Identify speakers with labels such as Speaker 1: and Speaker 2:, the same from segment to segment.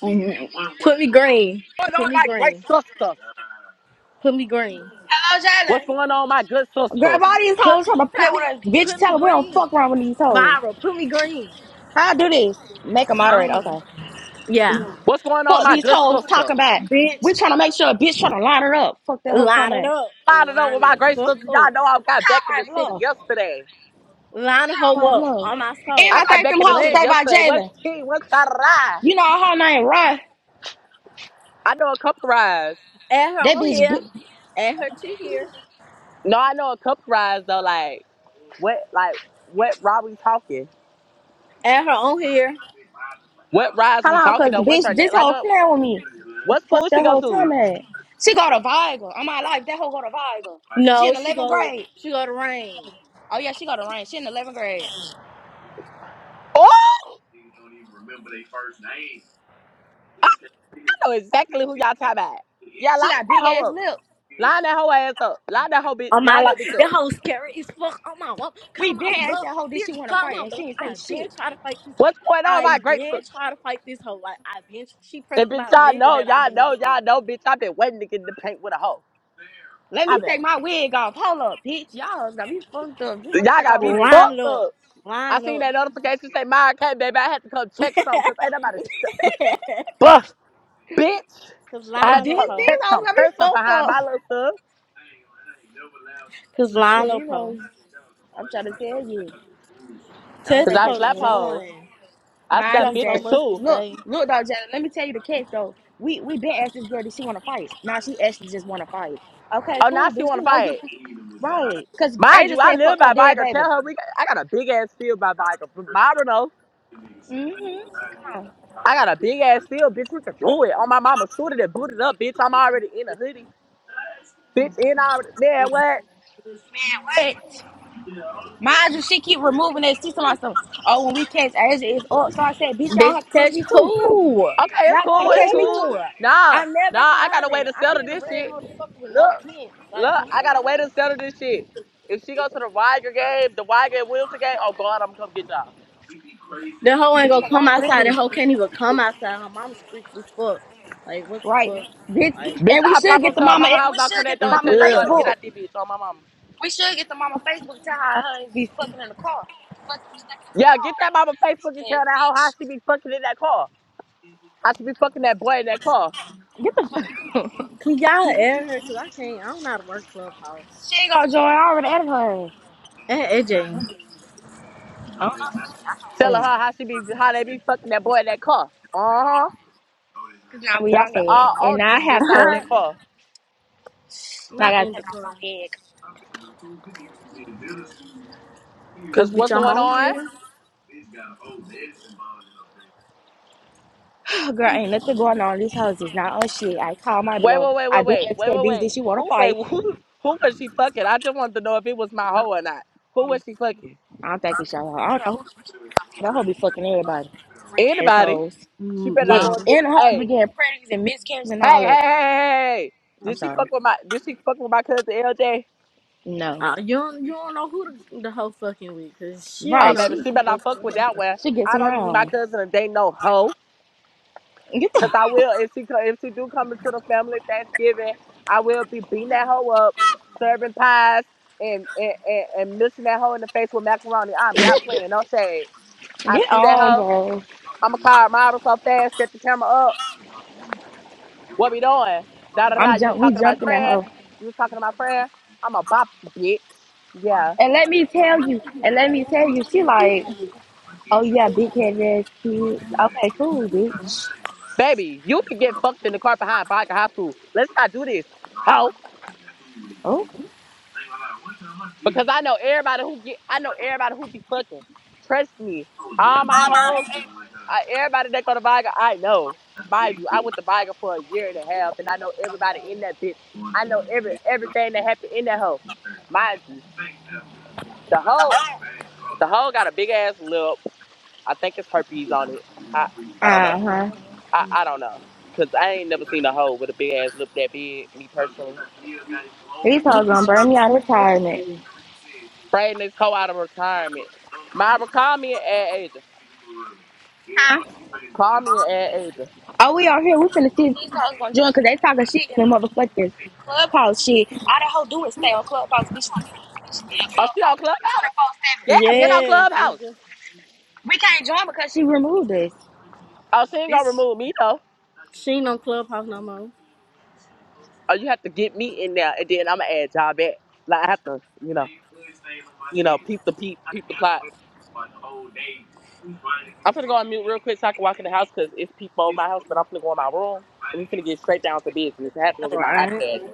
Speaker 1: Mhm. Put me green.
Speaker 2: What's going
Speaker 1: Put
Speaker 2: on,
Speaker 1: me
Speaker 2: my great
Speaker 1: green.
Speaker 2: sisters?
Speaker 1: Put me green.
Speaker 3: Hello,
Speaker 2: What's
Speaker 3: Jalen.
Speaker 2: going on, my good
Speaker 3: Grab all
Speaker 2: sisters?
Speaker 3: these
Speaker 1: Put
Speaker 3: hoes trying to
Speaker 1: put
Speaker 3: play with
Speaker 1: me
Speaker 3: us. Bitch,
Speaker 1: put
Speaker 3: tell
Speaker 1: me
Speaker 3: them we don't
Speaker 1: green.
Speaker 3: fuck around with these hoes.
Speaker 1: Myra, put me green.
Speaker 3: How I do this? Make a
Speaker 1: I
Speaker 3: moderator.
Speaker 1: don't know.
Speaker 3: Okay.
Speaker 1: Yeah.
Speaker 2: What's going on,
Speaker 3: Fuck
Speaker 2: my
Speaker 3: these
Speaker 2: good
Speaker 3: hoes
Speaker 2: sister?
Speaker 3: talking about. We trying to make sure a bitch trying to line her up. Fuck that whole
Speaker 1: Line
Speaker 3: time
Speaker 1: it
Speaker 3: ass.
Speaker 1: up.
Speaker 2: Lining up with
Speaker 1: Line
Speaker 2: my
Speaker 1: the
Speaker 2: great
Speaker 1: fuck
Speaker 2: sisters. Y'all
Speaker 1: up.
Speaker 2: know I got back in
Speaker 3: Call
Speaker 2: the
Speaker 3: my
Speaker 2: city
Speaker 3: bluff.
Speaker 2: yesterday.
Speaker 1: Line the
Speaker 3: Call my
Speaker 1: hoe up
Speaker 3: bluff.
Speaker 1: on my
Speaker 3: And
Speaker 2: I
Speaker 3: I
Speaker 1: soul,
Speaker 2: got
Speaker 3: think
Speaker 1: bitch.
Speaker 3: them
Speaker 2: back in the
Speaker 3: hoes
Speaker 2: city
Speaker 1: What?
Speaker 3: stay by
Speaker 2: yesterday. What's
Speaker 3: Jalen.
Speaker 2: tea? What's that ride?
Speaker 3: You know her name Run.
Speaker 2: I know a couple rides.
Speaker 1: Add her
Speaker 3: That
Speaker 1: on
Speaker 3: bitch. bi-
Speaker 1: here. Add her to here.
Speaker 2: No, I know a couple rides though. Like what? Like what ride we talking?
Speaker 1: Add her on here.
Speaker 2: What rides
Speaker 3: How
Speaker 2: we
Speaker 3: long?
Speaker 2: talking
Speaker 3: Cause
Speaker 2: though?
Speaker 3: the
Speaker 2: What's her
Speaker 3: bitch,
Speaker 2: name?
Speaker 3: this
Speaker 2: Like
Speaker 3: hoe
Speaker 2: uh,
Speaker 3: playing with me. Oh,
Speaker 2: what school
Speaker 3: Fuck
Speaker 2: she
Speaker 3: that
Speaker 2: go
Speaker 3: whole
Speaker 2: to?
Speaker 3: time ass. She got a Viagra. On my life, that hoe got a Viagra. She
Speaker 1: No,
Speaker 3: in
Speaker 1: she
Speaker 3: 11th
Speaker 1: go to
Speaker 3: grade.
Speaker 1: she go to rain.
Speaker 3: Oh yeah, she got a ring. She in 11th grade.
Speaker 2: Oh, I know exactly who y'all talking about. Yeah, line
Speaker 3: She got big
Speaker 2: that hoe
Speaker 3: ass
Speaker 2: up.
Speaker 3: lips.
Speaker 2: Line that hoe ass up. Line that hoe bitch.
Speaker 1: on my
Speaker 2: Line
Speaker 1: life.
Speaker 2: that bitch up.
Speaker 1: That hoe scary as fuck on my walk, Call
Speaker 3: We
Speaker 1: my
Speaker 3: been asked
Speaker 1: bluff,
Speaker 3: that hoe, did she
Speaker 1: bitch.
Speaker 3: want to
Speaker 1: Call
Speaker 3: fight?
Speaker 1: my
Speaker 3: And she
Speaker 1: bluff.
Speaker 3: ain't say
Speaker 1: I been
Speaker 3: shit.
Speaker 1: try to fight this hoe.
Speaker 2: What's going on with
Speaker 1: I
Speaker 2: my grapes?
Speaker 1: been try to fight this hoe. Like I been she pressed
Speaker 2: And bitch,
Speaker 1: about a
Speaker 2: y'all
Speaker 1: nigga
Speaker 2: know,
Speaker 1: that I
Speaker 2: y'all
Speaker 1: don't even
Speaker 2: know,
Speaker 1: want.
Speaker 2: y'all know, bitch. I've been waiting to get in the paint with a hoe.
Speaker 3: Let
Speaker 2: I
Speaker 3: me
Speaker 2: been
Speaker 3: take my wig off. Hold up, bitch. Y'all is gonna be fucked up. Just let me
Speaker 2: y'all
Speaker 3: take
Speaker 2: gotta
Speaker 3: my
Speaker 2: be
Speaker 3: wig off.
Speaker 1: Line
Speaker 2: fucked up.
Speaker 1: up,
Speaker 2: I
Speaker 1: line
Speaker 2: seen
Speaker 1: up.
Speaker 2: that notification say my okay, baby. I had to come check something because ain't nobody st- Buh, bitch.
Speaker 1: Cause
Speaker 2: I
Speaker 3: If
Speaker 2: had
Speaker 1: line
Speaker 2: to
Speaker 1: up,
Speaker 3: These
Speaker 2: come
Speaker 1: hoe.
Speaker 3: these
Speaker 2: check
Speaker 3: hoes
Speaker 2: some
Speaker 3: gonna be
Speaker 2: person
Speaker 3: fucked
Speaker 2: behind
Speaker 3: up.
Speaker 2: my little son.
Speaker 1: Cause
Speaker 3: So
Speaker 1: line up,
Speaker 3: these
Speaker 1: hoe.
Speaker 3: hoes, I'm trying to tell you. I
Speaker 1: Tell
Speaker 3: don't
Speaker 2: Cause
Speaker 1: this
Speaker 3: think
Speaker 2: I
Speaker 3: they
Speaker 1: hoe to
Speaker 3: trying
Speaker 2: slap
Speaker 3: to lie.
Speaker 2: hoes.
Speaker 1: join.
Speaker 2: I
Speaker 1: You
Speaker 3: Mind
Speaker 2: slap
Speaker 1: got
Speaker 3: you,
Speaker 1: so
Speaker 2: bitches
Speaker 3: Jalen.
Speaker 1: much to
Speaker 2: too.
Speaker 3: Look,
Speaker 1: say.
Speaker 3: look though, Jalen. Let me tell you the catch, though. We we been asked this girl, did she want to fight? Now she actually just want to fight. Okay,
Speaker 2: Oh now
Speaker 3: cool,
Speaker 2: she
Speaker 3: bitch.
Speaker 2: wanna
Speaker 3: We know you,
Speaker 2: fight.
Speaker 3: right? Cause
Speaker 2: Mind
Speaker 3: Angel
Speaker 2: you, I
Speaker 3: said,
Speaker 2: live
Speaker 3: fuck her
Speaker 2: by
Speaker 3: dead
Speaker 2: Viger.
Speaker 3: baby.
Speaker 2: Tell her we got, I got a big ass field by Viger. But Myra know.
Speaker 3: mm hmm Come on.
Speaker 2: I got a big ass field, bitch. We can do it. On my mama suited and booted up, bitch. I'm already in a hoodie. Bitch, in already. man, what?
Speaker 3: What? Mind you, she keep removing that. She talking about some, oh, when we catch Asia, it's up. So I said, bitch, y'all
Speaker 1: Bitch,
Speaker 3: have to catch
Speaker 1: touch
Speaker 3: me too.
Speaker 1: who?
Speaker 2: Okay,
Speaker 3: Y'all
Speaker 2: it's
Speaker 3: gotta
Speaker 2: cool. It's
Speaker 3: catch me
Speaker 2: cool.
Speaker 1: Ooh,
Speaker 3: too.
Speaker 2: Nah,
Speaker 1: I never
Speaker 2: nah, I got a way
Speaker 1: hiding.
Speaker 2: to
Speaker 1: I be
Speaker 2: settle
Speaker 1: in the
Speaker 2: this
Speaker 1: red
Speaker 2: shit.
Speaker 1: motherfucker with no
Speaker 2: Look,
Speaker 1: tents. Like,
Speaker 2: look,
Speaker 1: come
Speaker 2: I
Speaker 1: on
Speaker 2: got a
Speaker 1: now.
Speaker 2: way to settle this shit. If she goes to the Weiger game, the Weiger and Wilson game, oh God, I'm gonna come get y'all.
Speaker 1: The hoe ain't
Speaker 3: It's
Speaker 1: gonna
Speaker 3: cause
Speaker 1: come
Speaker 3: I'm
Speaker 1: outside. The
Speaker 3: ready.
Speaker 1: hoe can't even come outside. Her mama's creepy as fuck. Like, what the
Speaker 3: Right.
Speaker 1: fuck?
Speaker 3: Bitch.
Speaker 1: Like,
Speaker 2: Bitch,
Speaker 3: And we
Speaker 2: I
Speaker 3: should
Speaker 2: pop
Speaker 3: get
Speaker 2: up
Speaker 1: come
Speaker 3: the
Speaker 2: to
Speaker 1: on
Speaker 2: her
Speaker 3: mama
Speaker 1: now.
Speaker 2: mama house,
Speaker 3: we
Speaker 2: knock on
Speaker 3: should
Speaker 2: that
Speaker 3: get the
Speaker 2: door, and
Speaker 3: mama
Speaker 2: tell your
Speaker 1: It's
Speaker 2: daughter get
Speaker 1: ugh.
Speaker 3: Facebook.
Speaker 2: out this bitch on my mama.
Speaker 3: We should get the mama Facebook tell her her husband be fucking in the car. Fucking stuck
Speaker 2: Yeah, get that mama Facebook and
Speaker 3: in
Speaker 2: tell that hoe how she be fucking in that car. How she be fucking that boy in that car.
Speaker 3: the car, freaking big ass
Speaker 1: Can y'all air her? Cause I can't. I don't know how to work
Speaker 3: bitch.
Speaker 1: clubhouse.
Speaker 3: she ain't gonna join. I already added her.
Speaker 1: And AJ.
Speaker 3: I don't
Speaker 2: Telling
Speaker 3: know.
Speaker 2: her how she be how they be fucking that boy in that car. Uh huh.
Speaker 3: Cause now we on
Speaker 2: That's all
Speaker 3: there.
Speaker 2: all
Speaker 3: And I
Speaker 2: dick
Speaker 3: have
Speaker 2: inside
Speaker 3: to
Speaker 2: that car.
Speaker 3: now I
Speaker 1: Not
Speaker 3: gotta
Speaker 1: in
Speaker 3: take
Speaker 1: the
Speaker 3: off my
Speaker 1: club.
Speaker 3: wig
Speaker 1: Cause
Speaker 2: Cause
Speaker 1: bitch,
Speaker 2: what's
Speaker 1: I'm
Speaker 2: going
Speaker 1: on
Speaker 2: on?
Speaker 1: here.
Speaker 3: Oh, Girl, ain't nothing going on in these houses. Now, oh shit, I call my
Speaker 2: Wait,
Speaker 3: blow.
Speaker 2: wait, wait,
Speaker 3: I
Speaker 2: wait,
Speaker 3: been
Speaker 2: wait,
Speaker 3: asked
Speaker 2: wait,
Speaker 3: that
Speaker 2: wait,
Speaker 3: bitch, did
Speaker 2: wait.
Speaker 3: she want to
Speaker 2: Who, wait,
Speaker 3: fight?
Speaker 2: who, who was she fucking? I just wanted to know if it was my hoe or not. Who was she fucking?
Speaker 3: I don't think we show her. I don't know who the fuck. That hoe be fucking everybody. Freak ass
Speaker 2: Anybody?
Speaker 3: hoes.
Speaker 2: She
Speaker 1: Mm,
Speaker 2: better not
Speaker 1: My,
Speaker 2: go
Speaker 3: Yes,
Speaker 2: and get.
Speaker 3: and the hoes be
Speaker 2: Hey,
Speaker 3: getting pregnant and miscarriages and
Speaker 2: hey,
Speaker 3: all
Speaker 2: hey,
Speaker 3: that.
Speaker 2: hey, hey. hey. hey.
Speaker 3: I'm
Speaker 2: Did she
Speaker 3: sorry.
Speaker 2: fuck with my? Did she fuck with my cousin LJ?
Speaker 3: No.
Speaker 1: uh, you don't you don't know who the, the hoe fucking with, cause she
Speaker 2: Oh,
Speaker 1: don't
Speaker 3: Right,
Speaker 1: know
Speaker 2: baby,
Speaker 1: who
Speaker 3: she
Speaker 2: she
Speaker 1: she
Speaker 2: better not fuck
Speaker 1: fucking
Speaker 2: with that
Speaker 1: with.
Speaker 2: one.
Speaker 3: she gets
Speaker 2: I don't need my
Speaker 3: around.
Speaker 2: cousin to date no hoe.
Speaker 3: Get
Speaker 2: Cause
Speaker 3: the
Speaker 2: I will if she co- if she do come into the family Thanksgiving, I will be beating that hoe up, serving pies and and, and, and missing that hoe in the face with macaroni. I'm not playing no shade. I
Speaker 3: get
Speaker 2: see that
Speaker 3: on,
Speaker 2: hoe.
Speaker 3: bro.
Speaker 2: I'ma call her mom so fast, set the camera up. What we doing? Da da da.
Speaker 3: I'm
Speaker 2: You was
Speaker 3: jump. We
Speaker 2: talking about
Speaker 3: jumping at
Speaker 2: prayer.
Speaker 3: her.
Speaker 2: You was talking about prayer. I'ma bop the bitch. Yeah.
Speaker 3: And let me tell you, and let me tell you, she like, oh yeah, big head ass kids. Okay, cool, bitch.
Speaker 2: Baby, you can get fucked in the car behind Baca High School. Let's not do this, hoe.
Speaker 3: Oh,
Speaker 2: Because I know everybody who get I know everybody who be fucking. Trust me. All my hoes, I, everybody that go to Viga, I know. Mind you, I went to Viga for a year and a half and I know everybody in that bitch. I know every everything that happened in that hoe. Mind you. the hoe. The hole got a big ass lip. I think it's herpes on it. I I don't
Speaker 3: uh
Speaker 2: know.
Speaker 3: huh.
Speaker 2: I, I don't know. Cause I ain't never seen a hoe with a big ass lip that big, me personally.
Speaker 3: These hoes gonna burn me out of retirement.
Speaker 2: Spraying this hoe out of retirement. Myra, call me and add Asia.
Speaker 3: Huh?
Speaker 2: Call me and add Asia.
Speaker 3: Oh, we are here. We finna see if these hoes gonna join because they talking shit in the motherfuckers. Clubhouse shit. All that hoe do is stay on Clubhouse. Bitch, don't be, bitch, she be at
Speaker 2: Oh, she on
Speaker 3: Clubhouse
Speaker 2: Clubhouse?
Speaker 3: 24 7.
Speaker 2: Yeah, get on Clubhouse.
Speaker 1: Yes,
Speaker 3: We can't join because she removed us.
Speaker 2: Oh, she ain't gonna
Speaker 3: Bitch.
Speaker 2: remove me though.
Speaker 1: She ain't on Clubhouse no more.
Speaker 2: Oh, you have to get me in there and then I'ma add y'all back. Like I have to, you know, you know, peep the peep, peep the plot. I'm gonna go on mute real quick so I can walk in the house because it's people in my house, but I'm gonna go in my room and we're gonna get straight down to business. I have to go
Speaker 1: All
Speaker 2: get my
Speaker 1: right.
Speaker 2: iPad.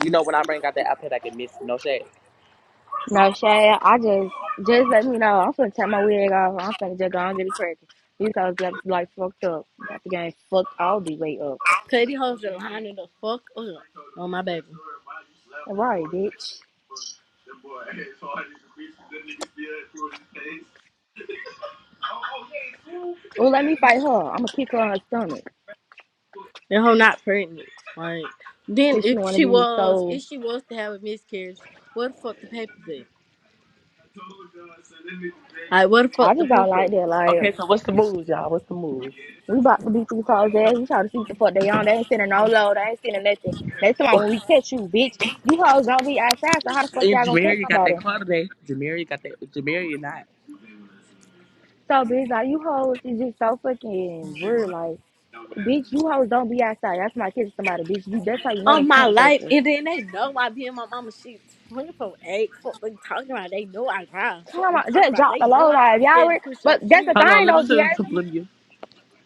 Speaker 2: You know, when I bring out that iPad, I can miss no shade.
Speaker 3: No, Shay, I just, just let me know. I'm finna take my wig off. I'm finna just go and get it cracking. These hoes got like fucked up. Got the game fucked all the way up.
Speaker 1: Katie hoes are lining the fuck up on my baby.
Speaker 3: All right, bitch. Well, let me fight her. I'm gonna kick her in her stomach.
Speaker 1: That hoe not pregnant. Like, then
Speaker 3: Bitch, she
Speaker 1: if
Speaker 3: wanna
Speaker 1: she
Speaker 3: be
Speaker 1: was,
Speaker 3: so.
Speaker 1: if she was to have a miscarriage, where the fuck the papers at? Like, where the
Speaker 3: I
Speaker 1: fuck the
Speaker 3: just
Speaker 1: proof
Speaker 3: don't
Speaker 1: at?
Speaker 3: like that. Like,
Speaker 2: Okay, so what's the moves, y'all? What's the moves?
Speaker 3: We bought the beat these hoes ass. You try to see what the fuck they on. They ain't sending no load. They ain't sending nothing. Next time
Speaker 2: and
Speaker 3: when we catch you, bitch, you hoes don't be outside. So how the fuck y'all gonna catch
Speaker 2: Jamaria got that
Speaker 3: somebody?
Speaker 2: car today. Jamaria got that. Jamaria not.
Speaker 3: So bitch, like you hoes is just so fucking weird. Like bitch, you hoes don't be outside. That's my catch somebody, bitch. You that's how you know
Speaker 1: On
Speaker 3: them
Speaker 1: my
Speaker 3: pump
Speaker 1: life,
Speaker 3: fakers.
Speaker 1: and then they know I be in my mama shit 24 8. Fuck, we talking about? They know I drive.
Speaker 3: Come
Speaker 1: Fuck, we
Speaker 3: on,
Speaker 1: talking
Speaker 3: just
Speaker 1: about?
Speaker 3: drop
Speaker 1: They
Speaker 3: the
Speaker 1: know
Speaker 3: low
Speaker 1: I'm
Speaker 3: life,
Speaker 1: not
Speaker 3: y'all.
Speaker 1: scared to
Speaker 3: Re-
Speaker 1: push up
Speaker 3: but that's the
Speaker 1: shit.
Speaker 2: Hold on,
Speaker 3: thing
Speaker 2: let
Speaker 3: though,
Speaker 2: me tell you
Speaker 3: Deasia.
Speaker 2: something. you.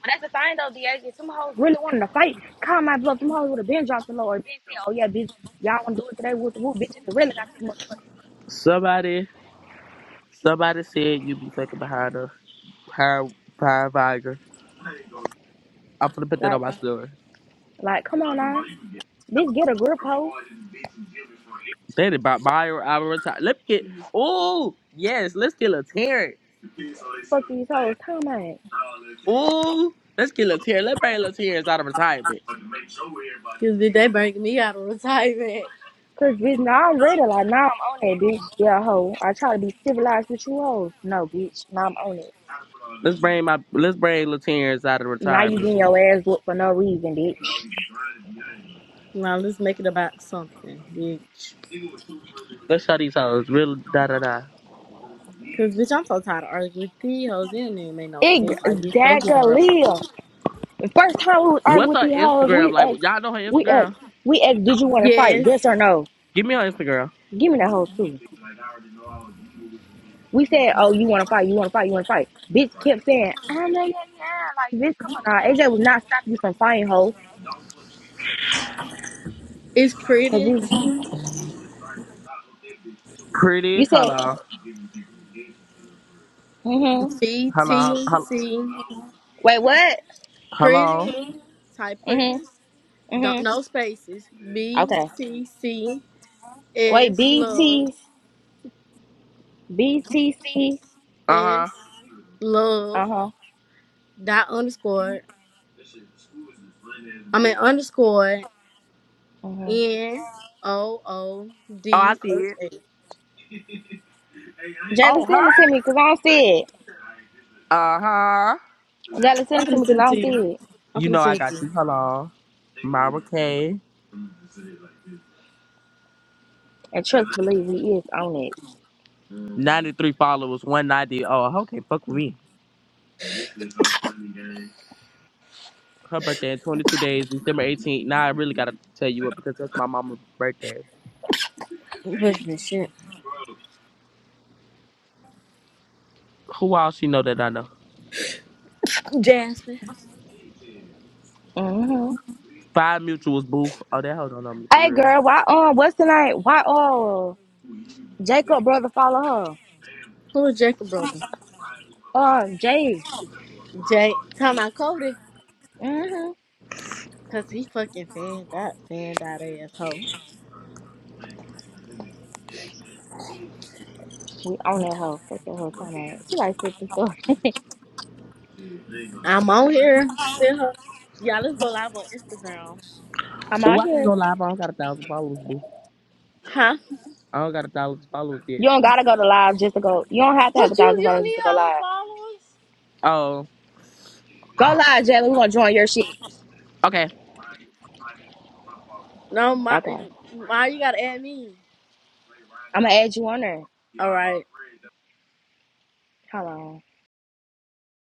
Speaker 3: But that's the thing though, Deasia. If them hoes really wanted to fight, call my bluff. Them hoes would have been dropped the low or been said, oh yeah, bitch, y'all wanna do it today? with the whoop, bitch. If it really got that motherfucking.
Speaker 2: Somebody, somebody said you be fucking behind her, behind, behind Viagra. I'm gonna put
Speaker 3: heat.
Speaker 2: that on
Speaker 3: Like,
Speaker 2: my story.
Speaker 3: Like, come on now. Bitch, get a grip, hoe.
Speaker 2: Said it about my or our time. Let me get. Oh yes, let's get a Terrence.
Speaker 3: Fuck these hoes. Time out.
Speaker 2: Ooh, let's get Latier. Let's bring Latier's out of retirement.
Speaker 1: Because they bring me out of retirement.
Speaker 3: Cause bitch, now I'm ready. Like now I'm on it, bitch. Yeah, hoe. I try to be civilized with you hoes. No, bitch. Now I'm on it.
Speaker 2: Let's bring my let's bring Latier's out of
Speaker 3: Now you
Speaker 2: retirement.
Speaker 3: getting
Speaker 2: boo.
Speaker 3: your ass whooped for no reason, bitch.
Speaker 1: Now let's make it about something, bitch.
Speaker 2: Let's show these hoes. Real da da da.
Speaker 1: Cause bitch, I'm so tired of arguing with these hoes. It don't even make no sense. Like, bitch, go get her. up.
Speaker 3: Exactly. The first time we would argue
Speaker 2: What's
Speaker 3: with
Speaker 2: her
Speaker 3: these hoes,
Speaker 2: Instagram
Speaker 3: we
Speaker 2: like?
Speaker 3: asked,
Speaker 2: Y'all know her
Speaker 3: we asked,
Speaker 2: Instagram?
Speaker 3: we asked, did you want to fight?
Speaker 1: Yes,
Speaker 3: Yes or no?
Speaker 2: Give me her Instagram.
Speaker 3: Give me that hoe too. We said, oh, you want to fight, you want to fight, you want to fight. Bitch kept saying, ah, yeah, yeah, yeah. Like, bitch, come on now. AJ was not stopping you from fighting, hoe.
Speaker 1: it's
Speaker 3: cause
Speaker 1: pretty.
Speaker 3: you. You
Speaker 2: Pretty.
Speaker 3: said,
Speaker 2: Hello.
Speaker 3: mm-hmm.
Speaker 1: B
Speaker 2: Hello.
Speaker 1: T
Speaker 2: Hello.
Speaker 1: C
Speaker 3: Wait, what?
Speaker 2: Hello.
Speaker 1: pretty. Type pretty.
Speaker 3: Mm-hmm.
Speaker 1: Don't
Speaker 3: Mm-hmm.
Speaker 1: no spaces. B
Speaker 3: Okay.
Speaker 1: T C S
Speaker 3: Wait,
Speaker 1: love
Speaker 3: BT, BTC.
Speaker 2: Uh
Speaker 1: S
Speaker 2: huh.
Speaker 1: love
Speaker 3: Uh-huh.
Speaker 1: dot underscore. I mean underscore
Speaker 3: Mm-hmm.
Speaker 1: N O O
Speaker 2: Oh, I
Speaker 1: D
Speaker 2: see
Speaker 1: H
Speaker 2: it.
Speaker 1: A.
Speaker 2: Oh,
Speaker 3: Jalen, send it
Speaker 2: her.
Speaker 3: to me because I don't see it.
Speaker 2: Uh huh.
Speaker 3: Jalen,
Speaker 1: I'm
Speaker 3: send it to me
Speaker 1: finna
Speaker 3: because
Speaker 1: send
Speaker 3: I
Speaker 1: it to
Speaker 3: don't see
Speaker 1: you.
Speaker 3: it.
Speaker 1: I'm
Speaker 2: You
Speaker 1: finna
Speaker 2: know I
Speaker 1: send it to
Speaker 2: got you.
Speaker 1: you.
Speaker 2: Hello. Myra K.
Speaker 3: And trust, believe he is on it.
Speaker 2: 93 followers, 190. Oh, okay. Fuck with me. her birthday in 22 days, December 18th. Now I really gotta tell you what because that's my mama's birthday.
Speaker 1: Push me shit.
Speaker 2: Who all she know that I know?
Speaker 1: Jasmine.
Speaker 3: Mm-hmm.
Speaker 2: Five mutuals, boo. Oh, that hoe don't know me for
Speaker 3: Hey,
Speaker 2: real.
Speaker 3: girl, why, um, what's the name? Why, oh, Jacob brother follow
Speaker 1: Who is Jacob brother?
Speaker 3: her? Uh, Jay.
Speaker 1: Jay, time I Cody,
Speaker 3: Mm-hmm.
Speaker 1: cause he fucking fanned that fanned that asshole.
Speaker 3: We on that hoe. Fuck that hoe. Talking about it. She like fifty four.
Speaker 1: I'm on here. Send her. Y'all, let's go live on Instagram.
Speaker 3: I'm
Speaker 2: Oh,
Speaker 3: out
Speaker 2: I can
Speaker 3: here.
Speaker 2: go live. I don't got a thousand followers, boo.
Speaker 1: Huh?
Speaker 2: I don't got a thousand followers yet.
Speaker 3: You don't gotta go to live just to go. You don't have to have a
Speaker 1: What you
Speaker 3: thousand
Speaker 1: you don't
Speaker 3: followers just
Speaker 1: need
Speaker 3: to go
Speaker 1: all
Speaker 3: live.
Speaker 1: the followers?
Speaker 2: Oh,
Speaker 3: Go live, Jalen. We're gonna join your shit.
Speaker 2: okay.
Speaker 1: No, my,
Speaker 3: Okay.
Speaker 1: my, you gotta add me.
Speaker 3: I'm gonna add you on there.
Speaker 1: All right.
Speaker 3: Hold on.